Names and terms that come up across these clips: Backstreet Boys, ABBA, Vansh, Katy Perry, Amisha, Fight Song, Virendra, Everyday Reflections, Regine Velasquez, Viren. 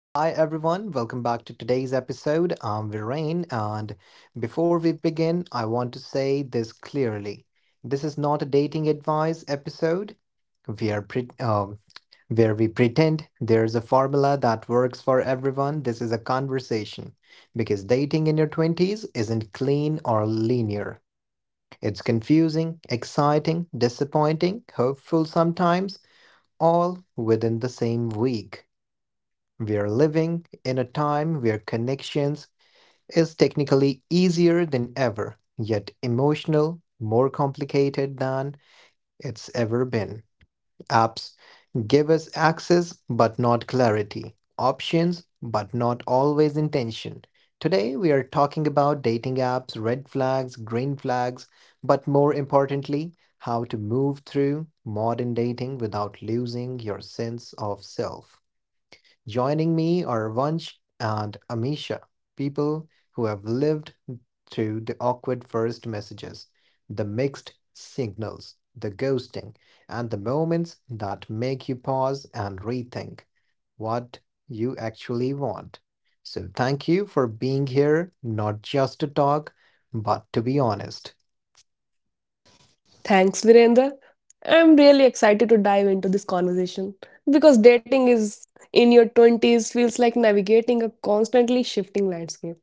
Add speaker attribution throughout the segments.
Speaker 1: Hi everyone, welcome back to today's episode. I'm Viren, and before we begin, I want to say this clearly. This is not a dating advice episode. We are pre- um, where we pretend there's a formula that works for everyone. This is a conversation because dating in your 20s isn't clean or linear. It's confusing, exciting, disappointing, hopeful sometimes, all within the same week. We are living in a time where connections is technically easier than ever, yet emotional, more complicated than it's ever been. Apps give us access but not clarity, options but not always intention. Today we are talking about dating apps, red flags, green flags, but more importantly, how to move through modern dating without losing your sense of self. Joining me are Vansh and Amisha, people who have lived through the awkward first messages, the mixed signals, the ghosting, and the moments that make you pause and rethink what you actually want. So, thank you for being here, not just to talk, but to be honest.
Speaker 2: Thanks, Virendra. I'm really excited to dive into this conversation because dating is in your 20s feels like navigating a constantly shifting landscape,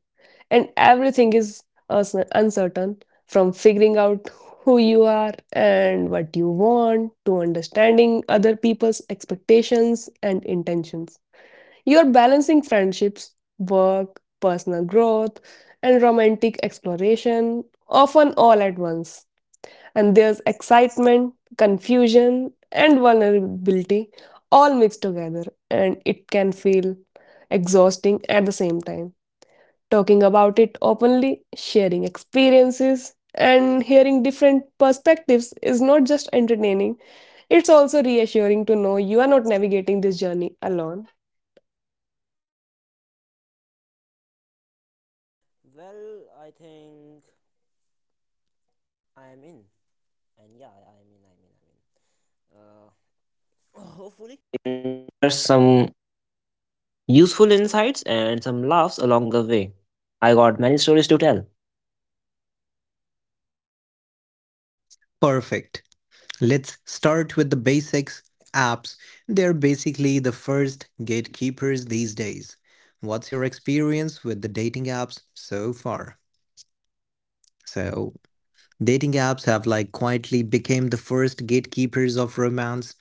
Speaker 2: and everything is uncertain from figuring out who you are and what you want to understanding other people's expectations and intentions. You're balancing friendships, work, personal growth, and romantic exploration, often all at once, and there's excitement, confusion, and vulnerability all mixed together, and it can feel exhausting at the same time. Talking about it openly, sharing experiences, and hearing different perspectives is not just entertaining, it's also reassuring to know you are not navigating this journey alone.
Speaker 3: Useful insights and some laughs along the way. I got many stories to tell.
Speaker 1: Perfect. Let's start with the basics. Apps, they're basically the first gatekeepers these days. What's your experience with the dating apps so far? So, dating apps have like quietly became the first gatekeepers of romance.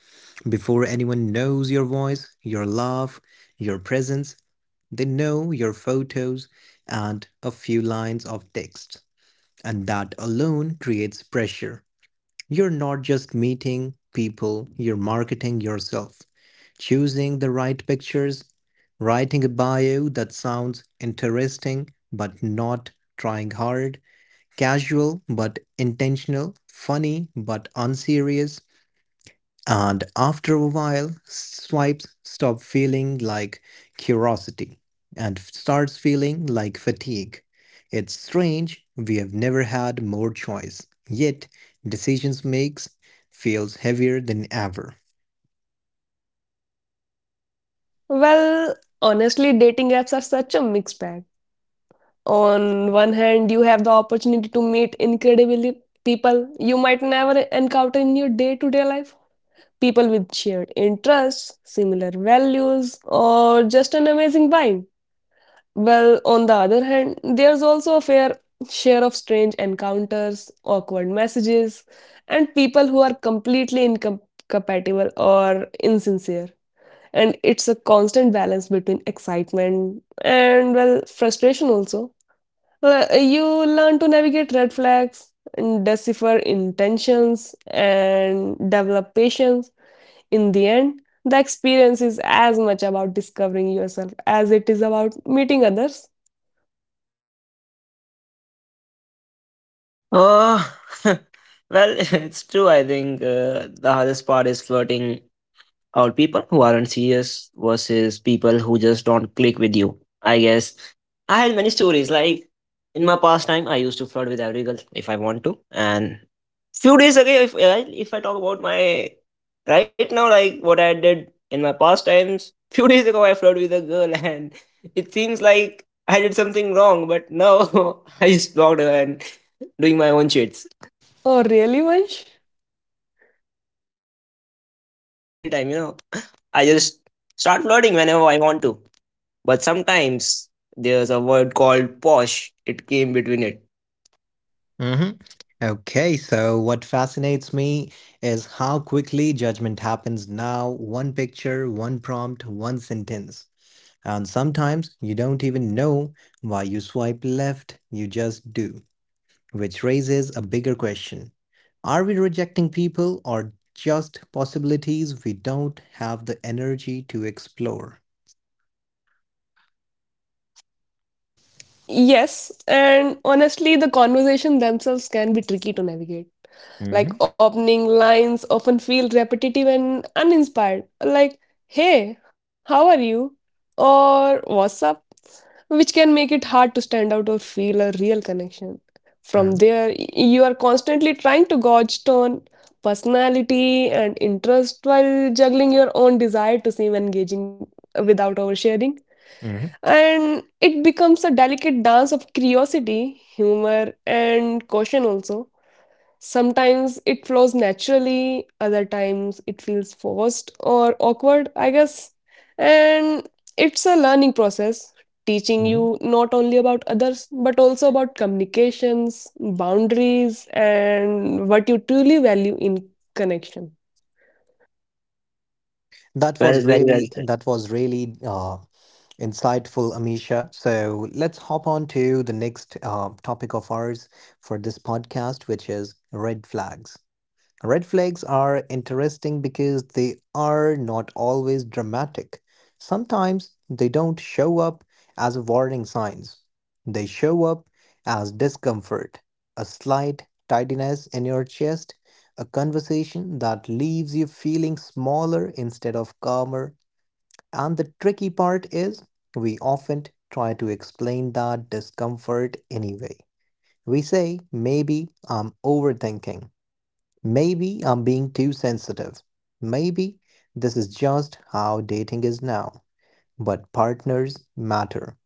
Speaker 1: Before anyone knows your voice, your laugh, your presence, they know your photos and a few lines of text. And that alone creates pressure. You're not just meeting people, you're marketing yourself, choosing the right pictures, writing a bio that sounds interesting but not trying hard, casual but intentional, funny but unserious, and after a while, swipes stop feeling like curiosity and starts feeling like fatigue. It's strange, we have never had more choice. Yet, decisions makes feels heavier than ever.
Speaker 2: Well, Honestly, dating apps are such a mixed bag. On one hand, you have the opportunity to meet incredible people you might never encounter in your day-to-day life, people with shared interests, similar values, or just an amazing vibe. Well, on the other hand, there's also a fair share of strange encounters, awkward messages, and people who are completely incompatible or insincere, and it's a constant balance between excitement and, well, frustration also. You learn to navigate red flags and decipher intentions and develop patience. In the end, the experience is as much about discovering yourself as it is about meeting others.
Speaker 3: Oh, well, it's true. I think the hardest part is flirting out people who aren't serious versus people who just don't click with you. I guess I had many stories. Like, in my past time, I used to flirt every girl if I want to, and few days ago, if I talk about my right now, like what I did in my past times. Few days ago I flirted with a girl, and it seems like I did something wrong, but no. I just blocked her and doing my own shits
Speaker 2: Oh really, Vansh?
Speaker 3: obviously. I had many time. I just start flirting whenever I want to, but sometimes there's a word called posh. It came between it.
Speaker 1: Hmm. Okay, so what fascinates me is how quickly judgment happens now. One picture, one prompt, one sentence. And sometimes you don't even know why you swipe left, you just do, which raises a bigger question. Are we rejecting people or just possibilities we don't have the energy to explore?
Speaker 2: Yes, and honestly, the conversation themselves can be tricky to navigate. Like,
Speaker 1: Hmm.
Speaker 2: opening lines often feel repetitive and uninspired. Like, hey, how are you? Or what's up? Which can make it hard to stand out or feel a real connection. From there, you are constantly trying to gauge tone, personality, and interest while juggling your own desire to seem engaging without oversharing.
Speaker 1: Hmm.
Speaker 2: And it becomes a delicate dance of curiosity, humor, and caution also. Sometimes it flows naturally, other times it feels forced or awkward, I guess. And it's a learning process, teaching
Speaker 1: hmm
Speaker 2: you not only about others, but also about communications, boundaries, and what you truly value in connection.
Speaker 3: Well, very well said.
Speaker 1: That was really insightful, Amisha. So let's hop on to the next topic of ours for this podcast, which is red flags. Red flags are interesting because they are not always dramatic. Sometimes they don't show up as warning signs. They show up as discomfort, a slight tidiness in your chest, a conversation that leaves you feeling smaller instead of calmer, and the tricky part is, we often try to explain that discomfort anyway. We say, maybe I'm overthinking. Maybe I'm being too sensitive. Maybe this is just how dating is now. But partners matter.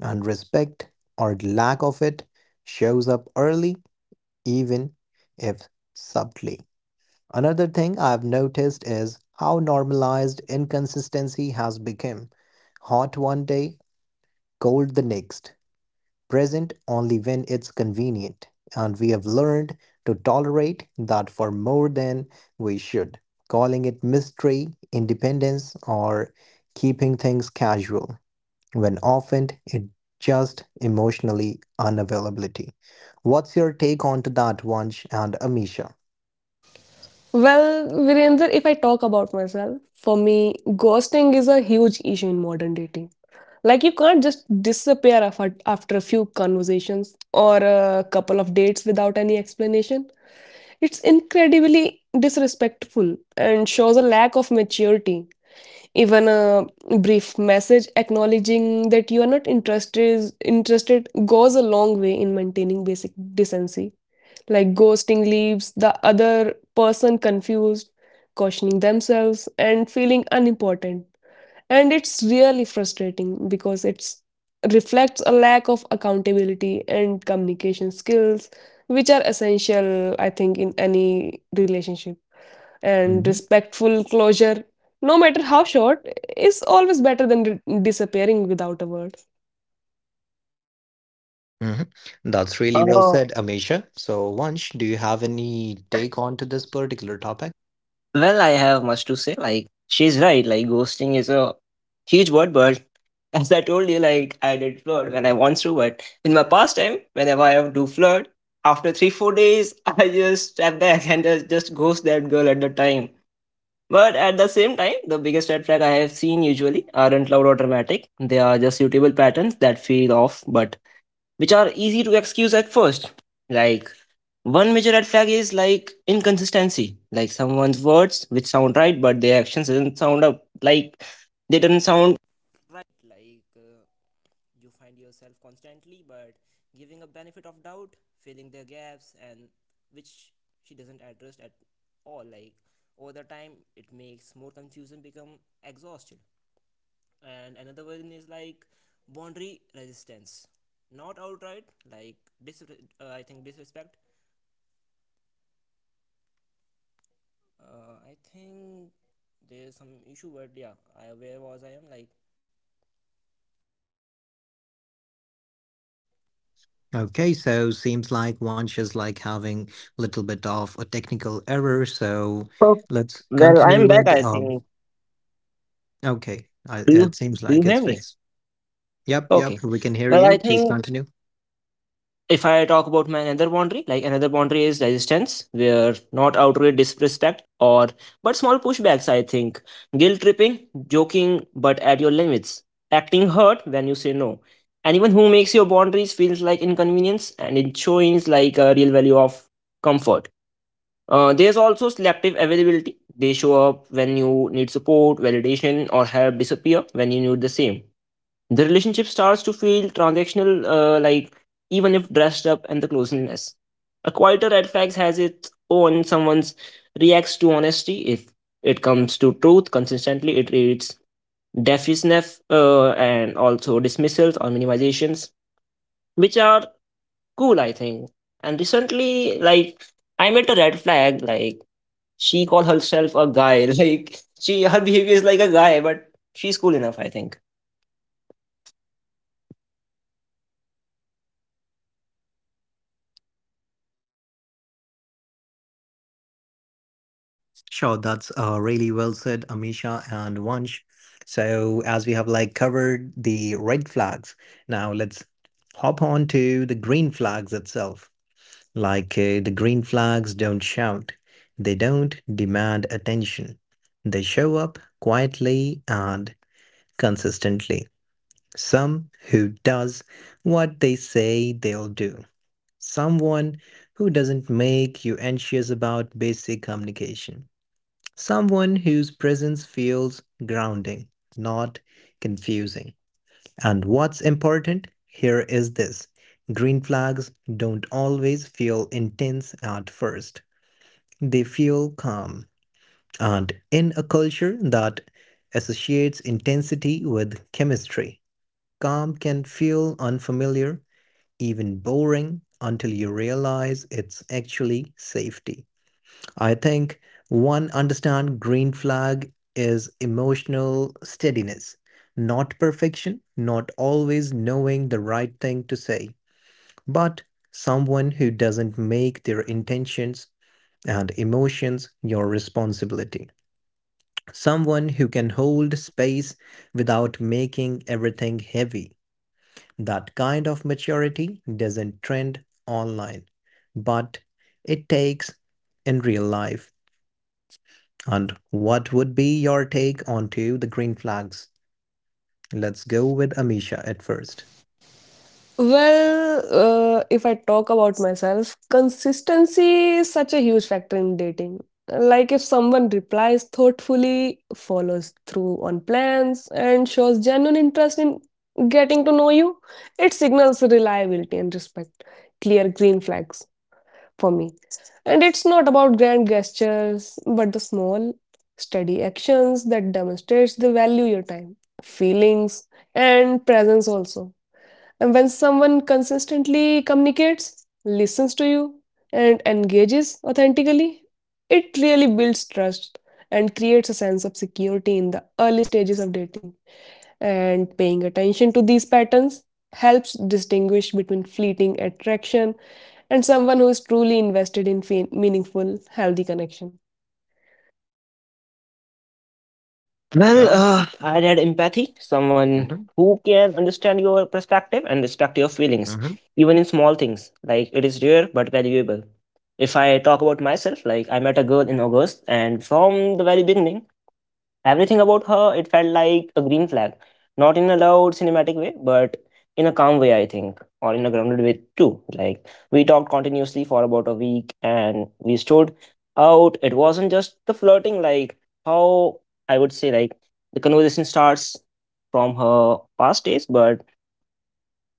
Speaker 1: And respect, or lack of it, shows up early, even if subtly. Another thing I've noticed is how normalized inconsistency has become. Hot one day, cold the next, present only when it's convenient. And we have learned to tolerate that for more than we should, calling it mystery, independence, or keeping things casual, when often it just emotionally unavailability. What's your take on to that, Vansh and Amisha?
Speaker 2: Well, Virendra, if I talk about myself, for me, ghosting is a huge issue in modern dating. Like, you can't just disappear after a few conversations or a couple of dates without any explanation. It's incredibly disrespectful and shows a lack of maturity. Even a brief message acknowledging that you are not interested goes a long way in maintaining basic decency. Like, ghosting leaves the other person confused, cautioning themselves, and feeling unimportant, and it's really frustrating because it's reflects a lack of accountability and communication skills, which are essential, I think, in any relationship. And respectful closure, no matter how short, is always better than disappearing without a word.
Speaker 1: Mhm. That's really well
Speaker 3: Oh,
Speaker 1: said, Amisha. So, Vansh, do you have any take on to this particular topic?
Speaker 3: well, I have much to say. Like, she's right. Like, ghosting is a huge word, but as I told you, like, I did flirt when I want to, but in my past time, whenever I have to flirt, after 3, 4 days, I just step back and just ghost that girl at the time. But at the same time, the biggest red flag I have seen usually aren't loud or dramatic. They are just suitable patterns that feel off, but which are easy to excuse at first. Like, one major red flag is like inconsistency, like someone's words which sound right but their actions doesn't sound up, like they don't sound.
Speaker 1: Okay, so seems like Vansh is like having a little bit of a technical error. So
Speaker 3: Oh,
Speaker 1: let's
Speaker 3: well,
Speaker 1: continue
Speaker 3: I'm back,
Speaker 1: with.
Speaker 3: I think.
Speaker 1: Okay, I,
Speaker 3: Do
Speaker 1: it
Speaker 3: you
Speaker 1: seems
Speaker 3: do you
Speaker 1: like it's
Speaker 3: hear me?
Speaker 1: fixed. Yep, yep,
Speaker 3: Okay.
Speaker 1: we can hear
Speaker 3: Well,
Speaker 1: you.
Speaker 3: I
Speaker 1: Please
Speaker 3: think
Speaker 1: continue.
Speaker 3: if I talk about my another boundary, like another boundary is resistance, where not outright disrespect or but small pushbacks, I think. Guilt tripping, joking but at your limits, acting hurt when you say no. Anyone who makes your boundaries feels like inconvenience, and it shows like a real value of comfort. There's also selective availability. They show up when you need support, validation, or help, disappear when you need the same. The relationship starts to feel transactional, like even if dressed up and the closeness. A quieter red flag has its own. Someone's reacts to honesty. If it comes to truth consistently, it reads defensiveness and also dismissals or minimizations, which are cool, I think. And recently, like, I met a red flag, like she call herself a guy. Like, she, her behavior is like a guy, but she's cool enough, I think.
Speaker 1: Sure, that's really well said, Amisha and Vansh. So as we have like covered the red flags, now let's hop on to the green flags itself. Like the green flags don't shout, they don't demand attention. They show up quietly and consistently. Some who does what they say they'll do. Someone who doesn't make you anxious about basic communication. Someone whose presence feels grounding, not confusing. And what's important here is this green flags don't always feel intense at first. They feel calm. And in a culture that associates intensity with chemistry, calm can feel unfamiliar, even boring, until you realize it's actually safety. I think one understand green flag is emotional steadiness, not perfection, not always knowing the right thing to say, but someone who doesn't make their intentions and emotions your responsibility. Someone who can hold space without making everything heavy. That kind of maturity doesn't trend online, but it takes in real life. And what would be your take onto the green flags? Let's go with Amisha at first.
Speaker 2: Well, if I talk about myself, consistency is such a huge factor in dating. Like, if someone replies thoughtfully, follows through on plans, and shows genuine interest in getting to know you, it signals reliability and respect. Clear green flags for me. And it's not about grand gestures, but the small, steady actions that demonstrates the value your time, feelings, and presence also. And when someone consistently communicates, listens to you, and engages authentically, it really builds trust and creates a sense of security in the early stages of dating. And paying attention to these patterns helps distinguish between fleeting attraction and someone who is truly invested in meaningful, healthy connection.
Speaker 3: Well, I had empathy, someone who can understand your perspective and respect your feelings, even in small things. Like, it is rare but valuable. If I talk about myself, like, I met a girl in August, and from the very beginning, everything about her, it felt like a green flag, not in a loud cinematic way, but in a calm way, I think, or in a grounded way too. Like, we talked continuously for about a week, and we stood out. It wasn't just the flirting, like, how I would say, like, the conversation starts from her past days, but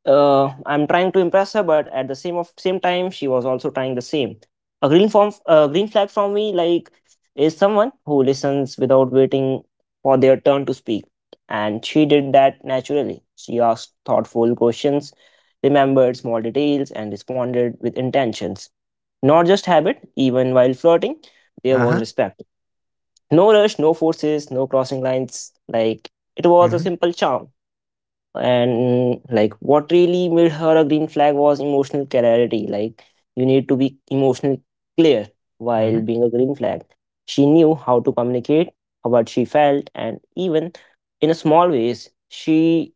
Speaker 3: I'm trying to impress her, but at the same of same time, she was also trying the same. A green form, a green flag from me, like, is someone who listens without waiting for their turn to speak, and she did that naturally. She asked thoughtful questions, remembered small details, and responded with intentions, not just habit. Even while flirting, there was respect. No rush, no forces, no crossing lines. Like, it was a simple charm, and like, what really made her a green flag was emotional clarity. Like, you need to be emotionally clear while
Speaker 1: Mm-hmm.
Speaker 3: being a green flag. She knew how to communicate how what she felt, and even in a small ways she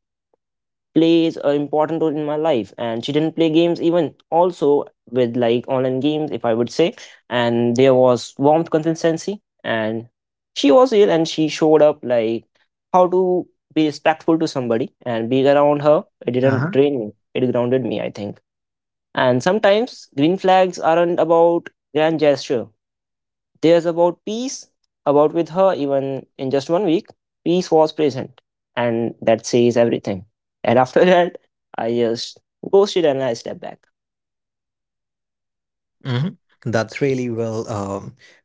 Speaker 3: plays an important role in my life, and she didn't play games, even also with like online games, if I would say. And there was warmth, consistency, and she was here, and she showed up, like, how to be respectful to somebody, and being around her, it didn't drain me, it grounded me, I think. And sometimes green flags aren't about grand gesture, there's about peace, about with her. Even in just 1 week, peace was present. And that says everything. And after that, I just ghosted and I stepped back.
Speaker 1: hmm That's really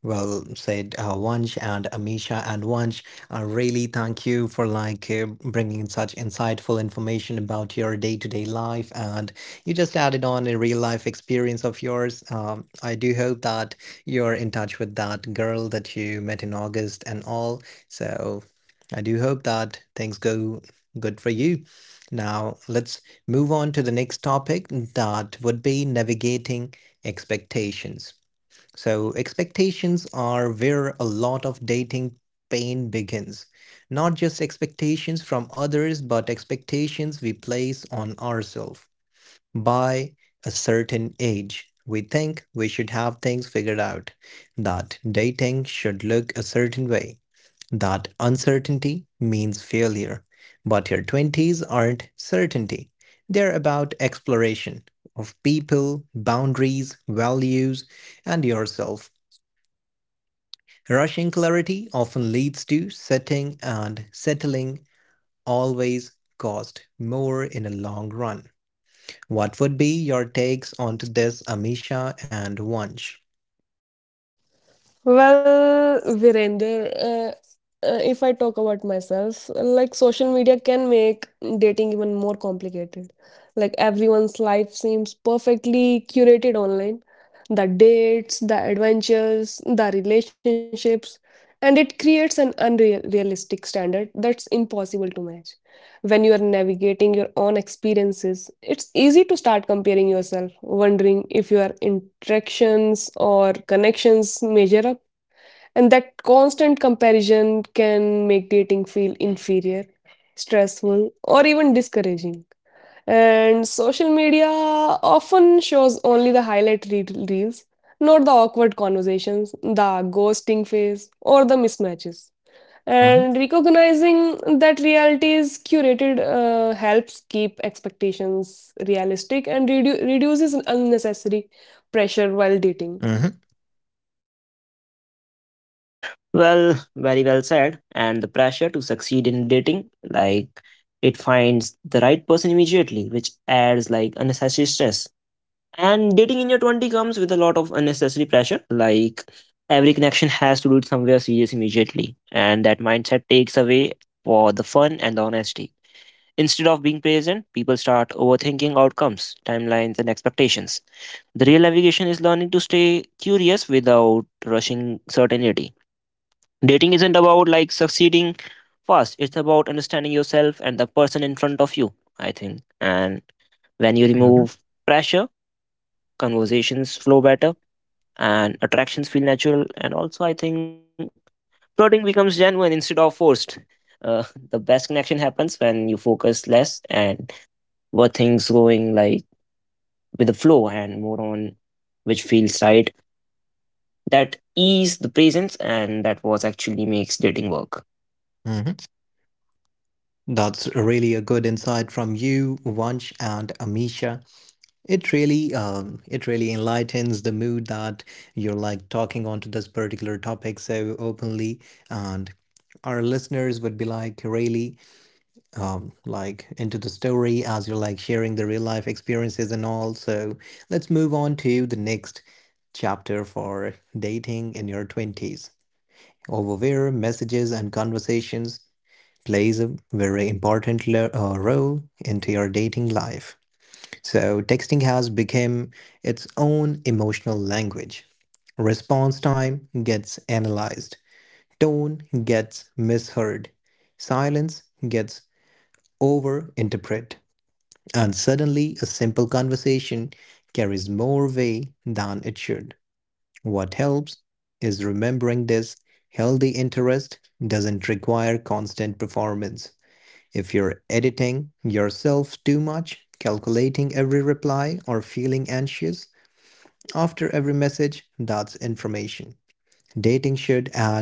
Speaker 1: well said, Vansh and Amisha and Vansh. Really, thank you for like bringing such insightful information about your day-to-day life, and you just added on a real-life experience of yours. I do hope that you're in touch with that girl that you met in August and all. So, I do hope that things go good for you. Now, let's move on to the next topic that would be navigating expectations. So, expectations are where a lot of dating pain begins. Not just expectations from others, but expectations we place on ourselves. By a certain age, we think we should have things figured out, that dating should look a certain way, that uncertainty means failure. But your 20s aren't certainty, they're about exploration of people, boundaries, values, and yourself. Rushing clarity often leads to setting and settling always cost more in a long run. What would be your takes on this, Amisha and Vansh?
Speaker 2: Well, Virender, if I talk about myself, like, social media can make dating even more complicated. Like, everyone's life seems perfectly curated online. The dates, the adventures, the relationships, and it creates an unrealistic standard that's impossible to match. When you are navigating your own experiences, it's easy to start comparing yourself, wondering if your interactions or connections measure up, and that constant comparison can make dating feel inferior, stressful, or even discouraging. And social media often shows only the highlight reels, not the awkward conversations, the ghosting phase, or the mismatches.
Speaker 1: Hmm.
Speaker 2: And recognizing that reality is curated helps keep expectations realistic and reduces unnecessary pressure while dating.
Speaker 1: Hmm.
Speaker 3: Well, very well said. And the pressure to succeed in dating, like, it finds the right person immediately, which adds like unnecessary stress. And dating in your 20 comes with a lot of unnecessary pressure, like every connection has to do it somewhere serious immediately. And that mindset takes away for the fun and the honesty. Instead of being present, people start overthinking outcomes, timelines, and expectations. The real navigation is learning to stay curious without rushing certainty. Dating isn't about like succeeding fast, it's about understanding yourself and the person in front of you, I think. And when you
Speaker 1: Hmm.
Speaker 3: remove pressure, conversations flow better and attractions feel natural. And also, I think flirting becomes genuine instead of forced. Uh, the best connection happens when you focus less and were things going like with the flow and more on which feels right, that ease the presence, and that was actually makes dating work.
Speaker 1: hmm That's really a good insight from you, Vansh and Amisha. It really enlightens the mood that you're like talking onto this particular topic so openly, and our listeners would be like, really, like into the story as you're like sharing the real life experiences and all. So let's move on to the next chapter for dating in your 20s, over where messages and conversations plays a very important role into your dating life. So texting has become its own emotional language. Response time gets analyzed. Tone gets misheard. Silence gets overinterpreted. And suddenly, a simple conversation carries more weight than it should. What helps is remembering this healthy interest doesn't require constant performance. If you're editing yourself too much, calculating every reply, or feeling anxious after every message, that's information. Dating should add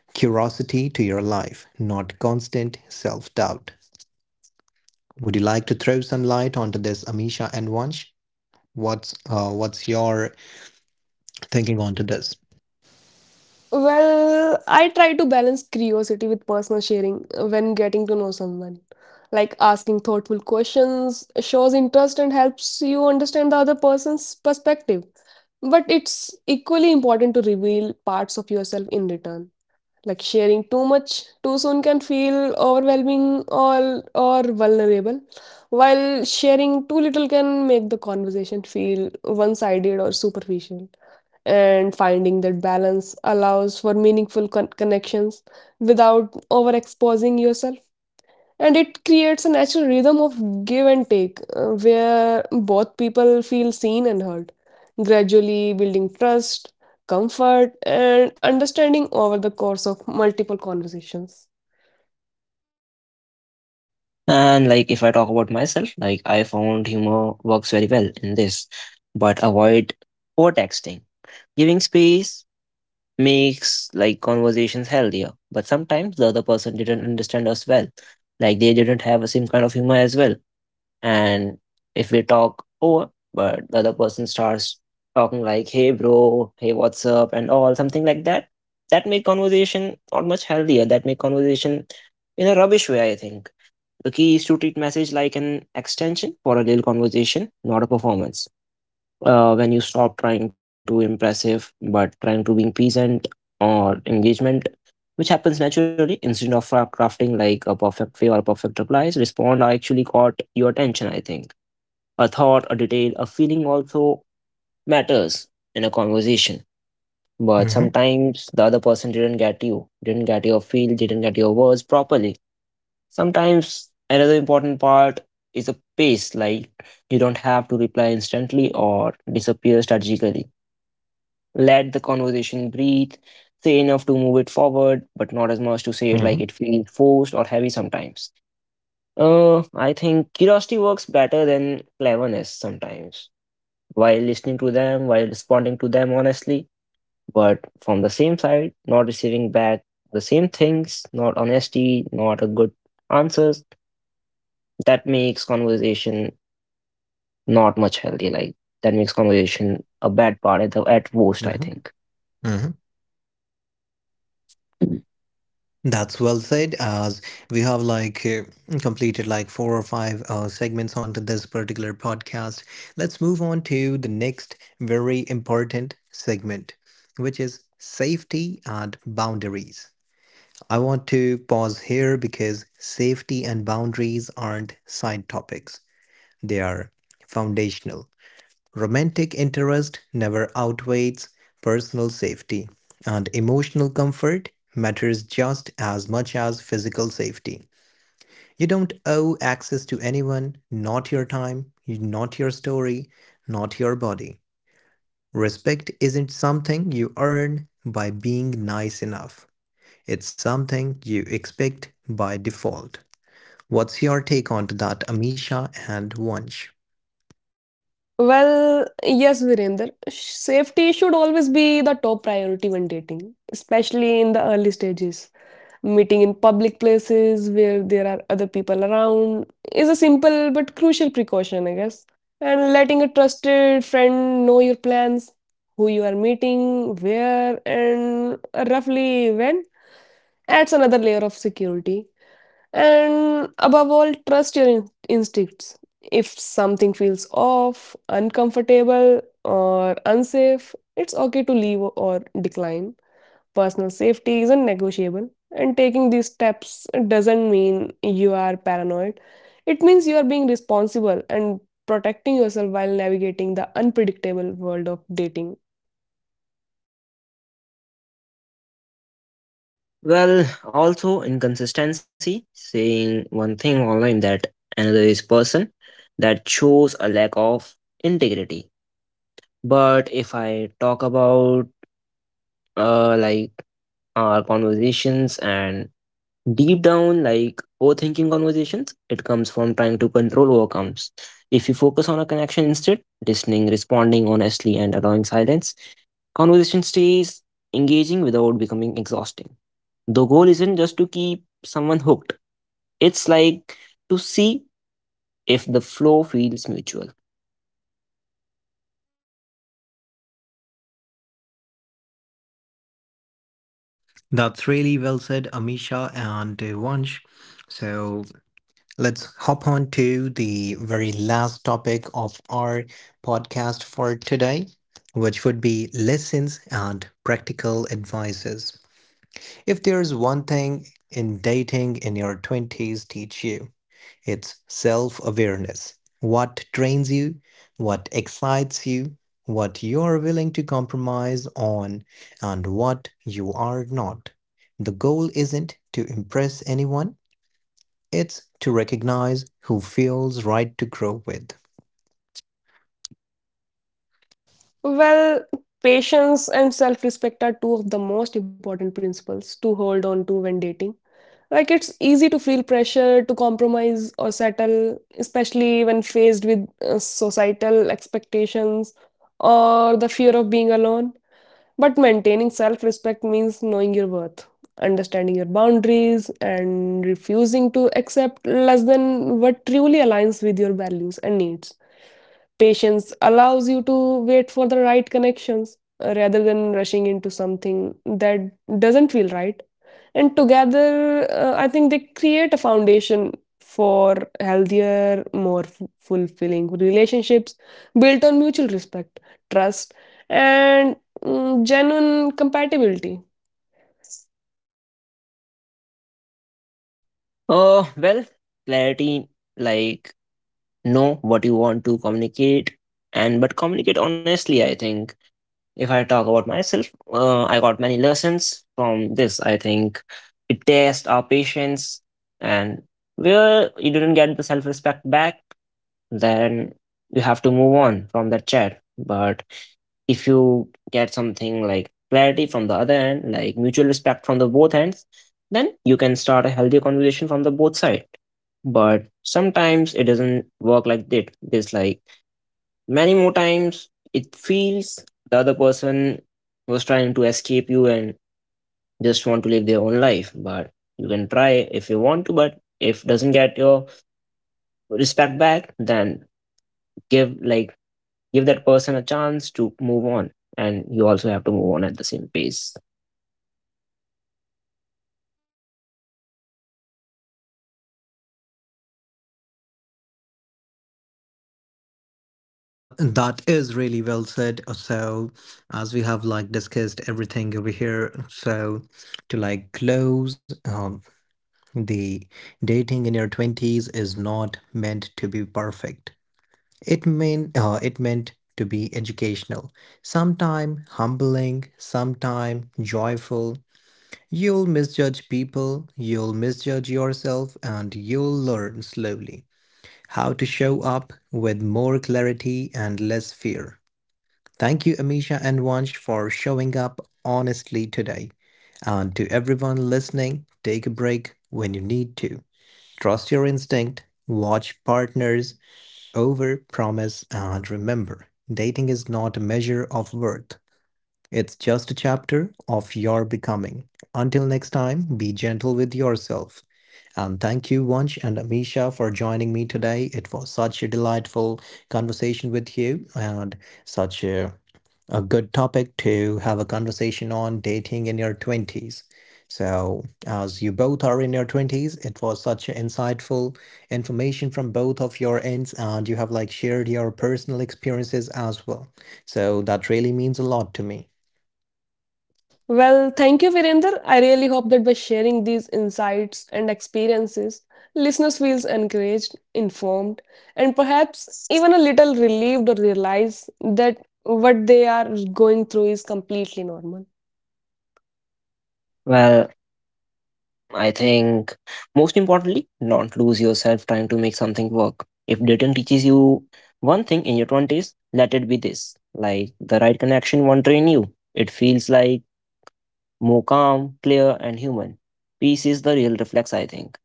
Speaker 1: curiosity to your life, not constant self doubt. Would you like to throw some light onto this, Amisha and Vansh? What's your thinking onto this?
Speaker 2: Well, I try to balance curiosity with personal sharing when getting to know someone. Like, asking thoughtful questions shows interest and helps you understand the other person's perspective. But it's equally important to reveal parts of yourself in return. Like, sharing too much too soon can feel overwhelming or vulnerable, while sharing too little can make the conversation feel one-sided or superficial. And finding that balance allows for meaningful connections without overexposing yourself, and it creates a natural rhythm of give and take, where both people feel seen and heard, gradually building trust, comfort, and understanding over the course of multiple conversations.
Speaker 3: And like, if I talk about myself, like, I found humor works very well in this, but avoid over texting. Giving space makes like conversations healthier, but sometimes the other person didn't understand us well, like they didn't have the same kind of humor as well. And if we talk over, but the other person starts talking like, hey, bro, hey, what's up, and all, something like that, that make conversation not much healthier. That make conversation in a rubbish way, I think. The key is to treat message like an extension for a real conversation, not a performance. When you stop trying to impressive, but trying to being pleasant or engagement, which happens naturally instead of crafting like a perfect way or a perfect replies, respond are actually caught your attention, I think, a thought, a detail, a feeling also matters in a conversation. But
Speaker 1: Hmm.
Speaker 3: sometimes the other person didn't get you, didn't get your feel, didn't get your words properly. Sometimes another important part is a pace, like you don't have to reply instantly or disappear strategically. Let the conversation breathe, say enough to move it forward, but not as much to say it
Speaker 1: Hmm.
Speaker 3: like it feels forced or heavy sometimes. I think curiosity works better than cleverness sometimes, while listening to them, while responding to them honestly. But from the same side, not receiving back the same things, not honesty, not a good answers, that makes conversation not much healthy. Like, that makes conversation a bad part at the at worst,
Speaker 1: Hmm.
Speaker 3: I think.
Speaker 1: hmm
Speaker 3: Mhm.
Speaker 1: That's well said. As we have like completed like four or five segments onto this particular podcast, let's move on to the next very important segment, which is safety and boundaries. I want to pause here because safety and boundaries aren't side topics; they are foundational. Romantic interest never outweighs personal safety, and emotional comfort matters just as much as physical safety. You don't owe access to anyone, not your time, not your story, not your body. Respect isn't something you earn by being nice enough, it's something you expect by default. What's your take on that, Amisha and Vansh?
Speaker 2: Well, yes, Virender. Safety should always be the top priority when dating, especially in the early stages. Meeting in public places where there are other people around is a simple but crucial precaution, I guess. And letting a trusted friend know your plans, who you are meeting, where, and roughly when, adds another layer of security. And above all, trust your instincts. If something feels off, uncomfortable, or unsafe, it's okay to leave or decline. Personal safety isn't negotiable, and taking these steps doesn't mean you are paranoid. It means you are being responsible and protecting yourself while navigating the unpredictable world of dating.
Speaker 3: Well, also inconsistency, saying one thing online that another is person, that shows a lack of integrity. But if I talk about like our conversations, and deep down, like, overthinking conversations, it comes from trying to control outcomes. If you focus on a connection instead, listening, responding honestly, and allowing silence, conversation stays engaging without becoming exhausting. The goal isn't just to keep someone hooked, it's like to see if the flow feels mutual.
Speaker 1: That's really well said, Amisha and Vansh. So let's hop on to the very last topic of our podcast for today, which would be lessons and practical advices. If there's one thing in dating in your 20s teach you, it's self awareness. What trains you, what excites you, what you're willing to compromise on, and what you are not. The goal isn't to impress anyone, it's to recognize who feels right to grow with.
Speaker 2: Well, patience and self respect are two of the most important principles to hold on to when dating. Like, it's easy to feel pressure to compromise or settle, especially when faced with, societal expectations or the fear of being alone. But maintaining self respect means knowing your worth, understanding your boundaries, and refusing to accept less than what truly aligns with your values and needs. Patience allows you to wait for the right connections rather than rushing into something that doesn't feel right. And together, I think they create a foundation for healthier, more fulfilling relationships built on mutual respect, trust, and, genuine compatibility.
Speaker 3: Oh, well, clarity, like, know what you want to communicate, and but communicate honestly, I think. If I talk about myself, I got many lessons from this. I think it tests our patience, and where you didn't get the self respect back, then you have to move on from that chat. But if you get something like clarity from the other end, like mutual respect from the both ends, then you can start a healthy conversation from the both side. But sometimes it doesn't work like that. This like, many more times, it feels the other person was trying to escape you and just want to live their own life. But you can try if you want to, but if doesn't get your respect back, then give like give that person a chance to move on, and you also have to move on at the same pace.
Speaker 1: That is really well said. So, as we have like discussed everything over here, so to like close, the dating in your 20s is not meant to be perfect. It meant to be educational. Sometime humbling, sometime joyful. You'll misjudge people, you'll misjudge yourself and you'll learn slowly how to show up with more clarity and less fear. Thank you Amisha and Vansh for showing up honestly today. And to everyone listening, take a break when you need to. Trust your instinct, watch partners, over promise, and remember dating is not a measure of worth, it's just a chapter of your becoming. Until next time, be gentle with yourself. And thank you, Vansh and Amisha, for joining me today. It was such a delightful conversation with you and such a, a good topic to have a conversation on dating in your 20s. So, as you both are in your 20s, it was such insightful information from both of your ends, and you have like shared your personal experiences as well. So, that really means a lot to me.
Speaker 2: Well, thank you, Virender. I really hope that by sharing these insights and experiences, listeners feels encouraged, informed, and perhaps even a little relieved or realize that what they are going through is completely normal.
Speaker 3: Well, I think most importantly, don't lose yourself trying to make something work. If dating teaches you one thing in your 20s, let it be this. Like, the right connection won't drain you. It feels like more calm, clear, and human. Peace is the real reflex, I think.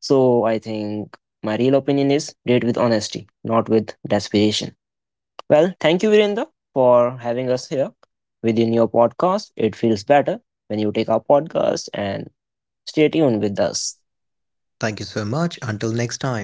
Speaker 3: So I think my real opinion is date with honesty, not with desperation. Well, thank you, Virendra, for having us here within your podcast. It feels better when you take our podcast and stay tuned with us.
Speaker 1: Thank you so much. Until next time.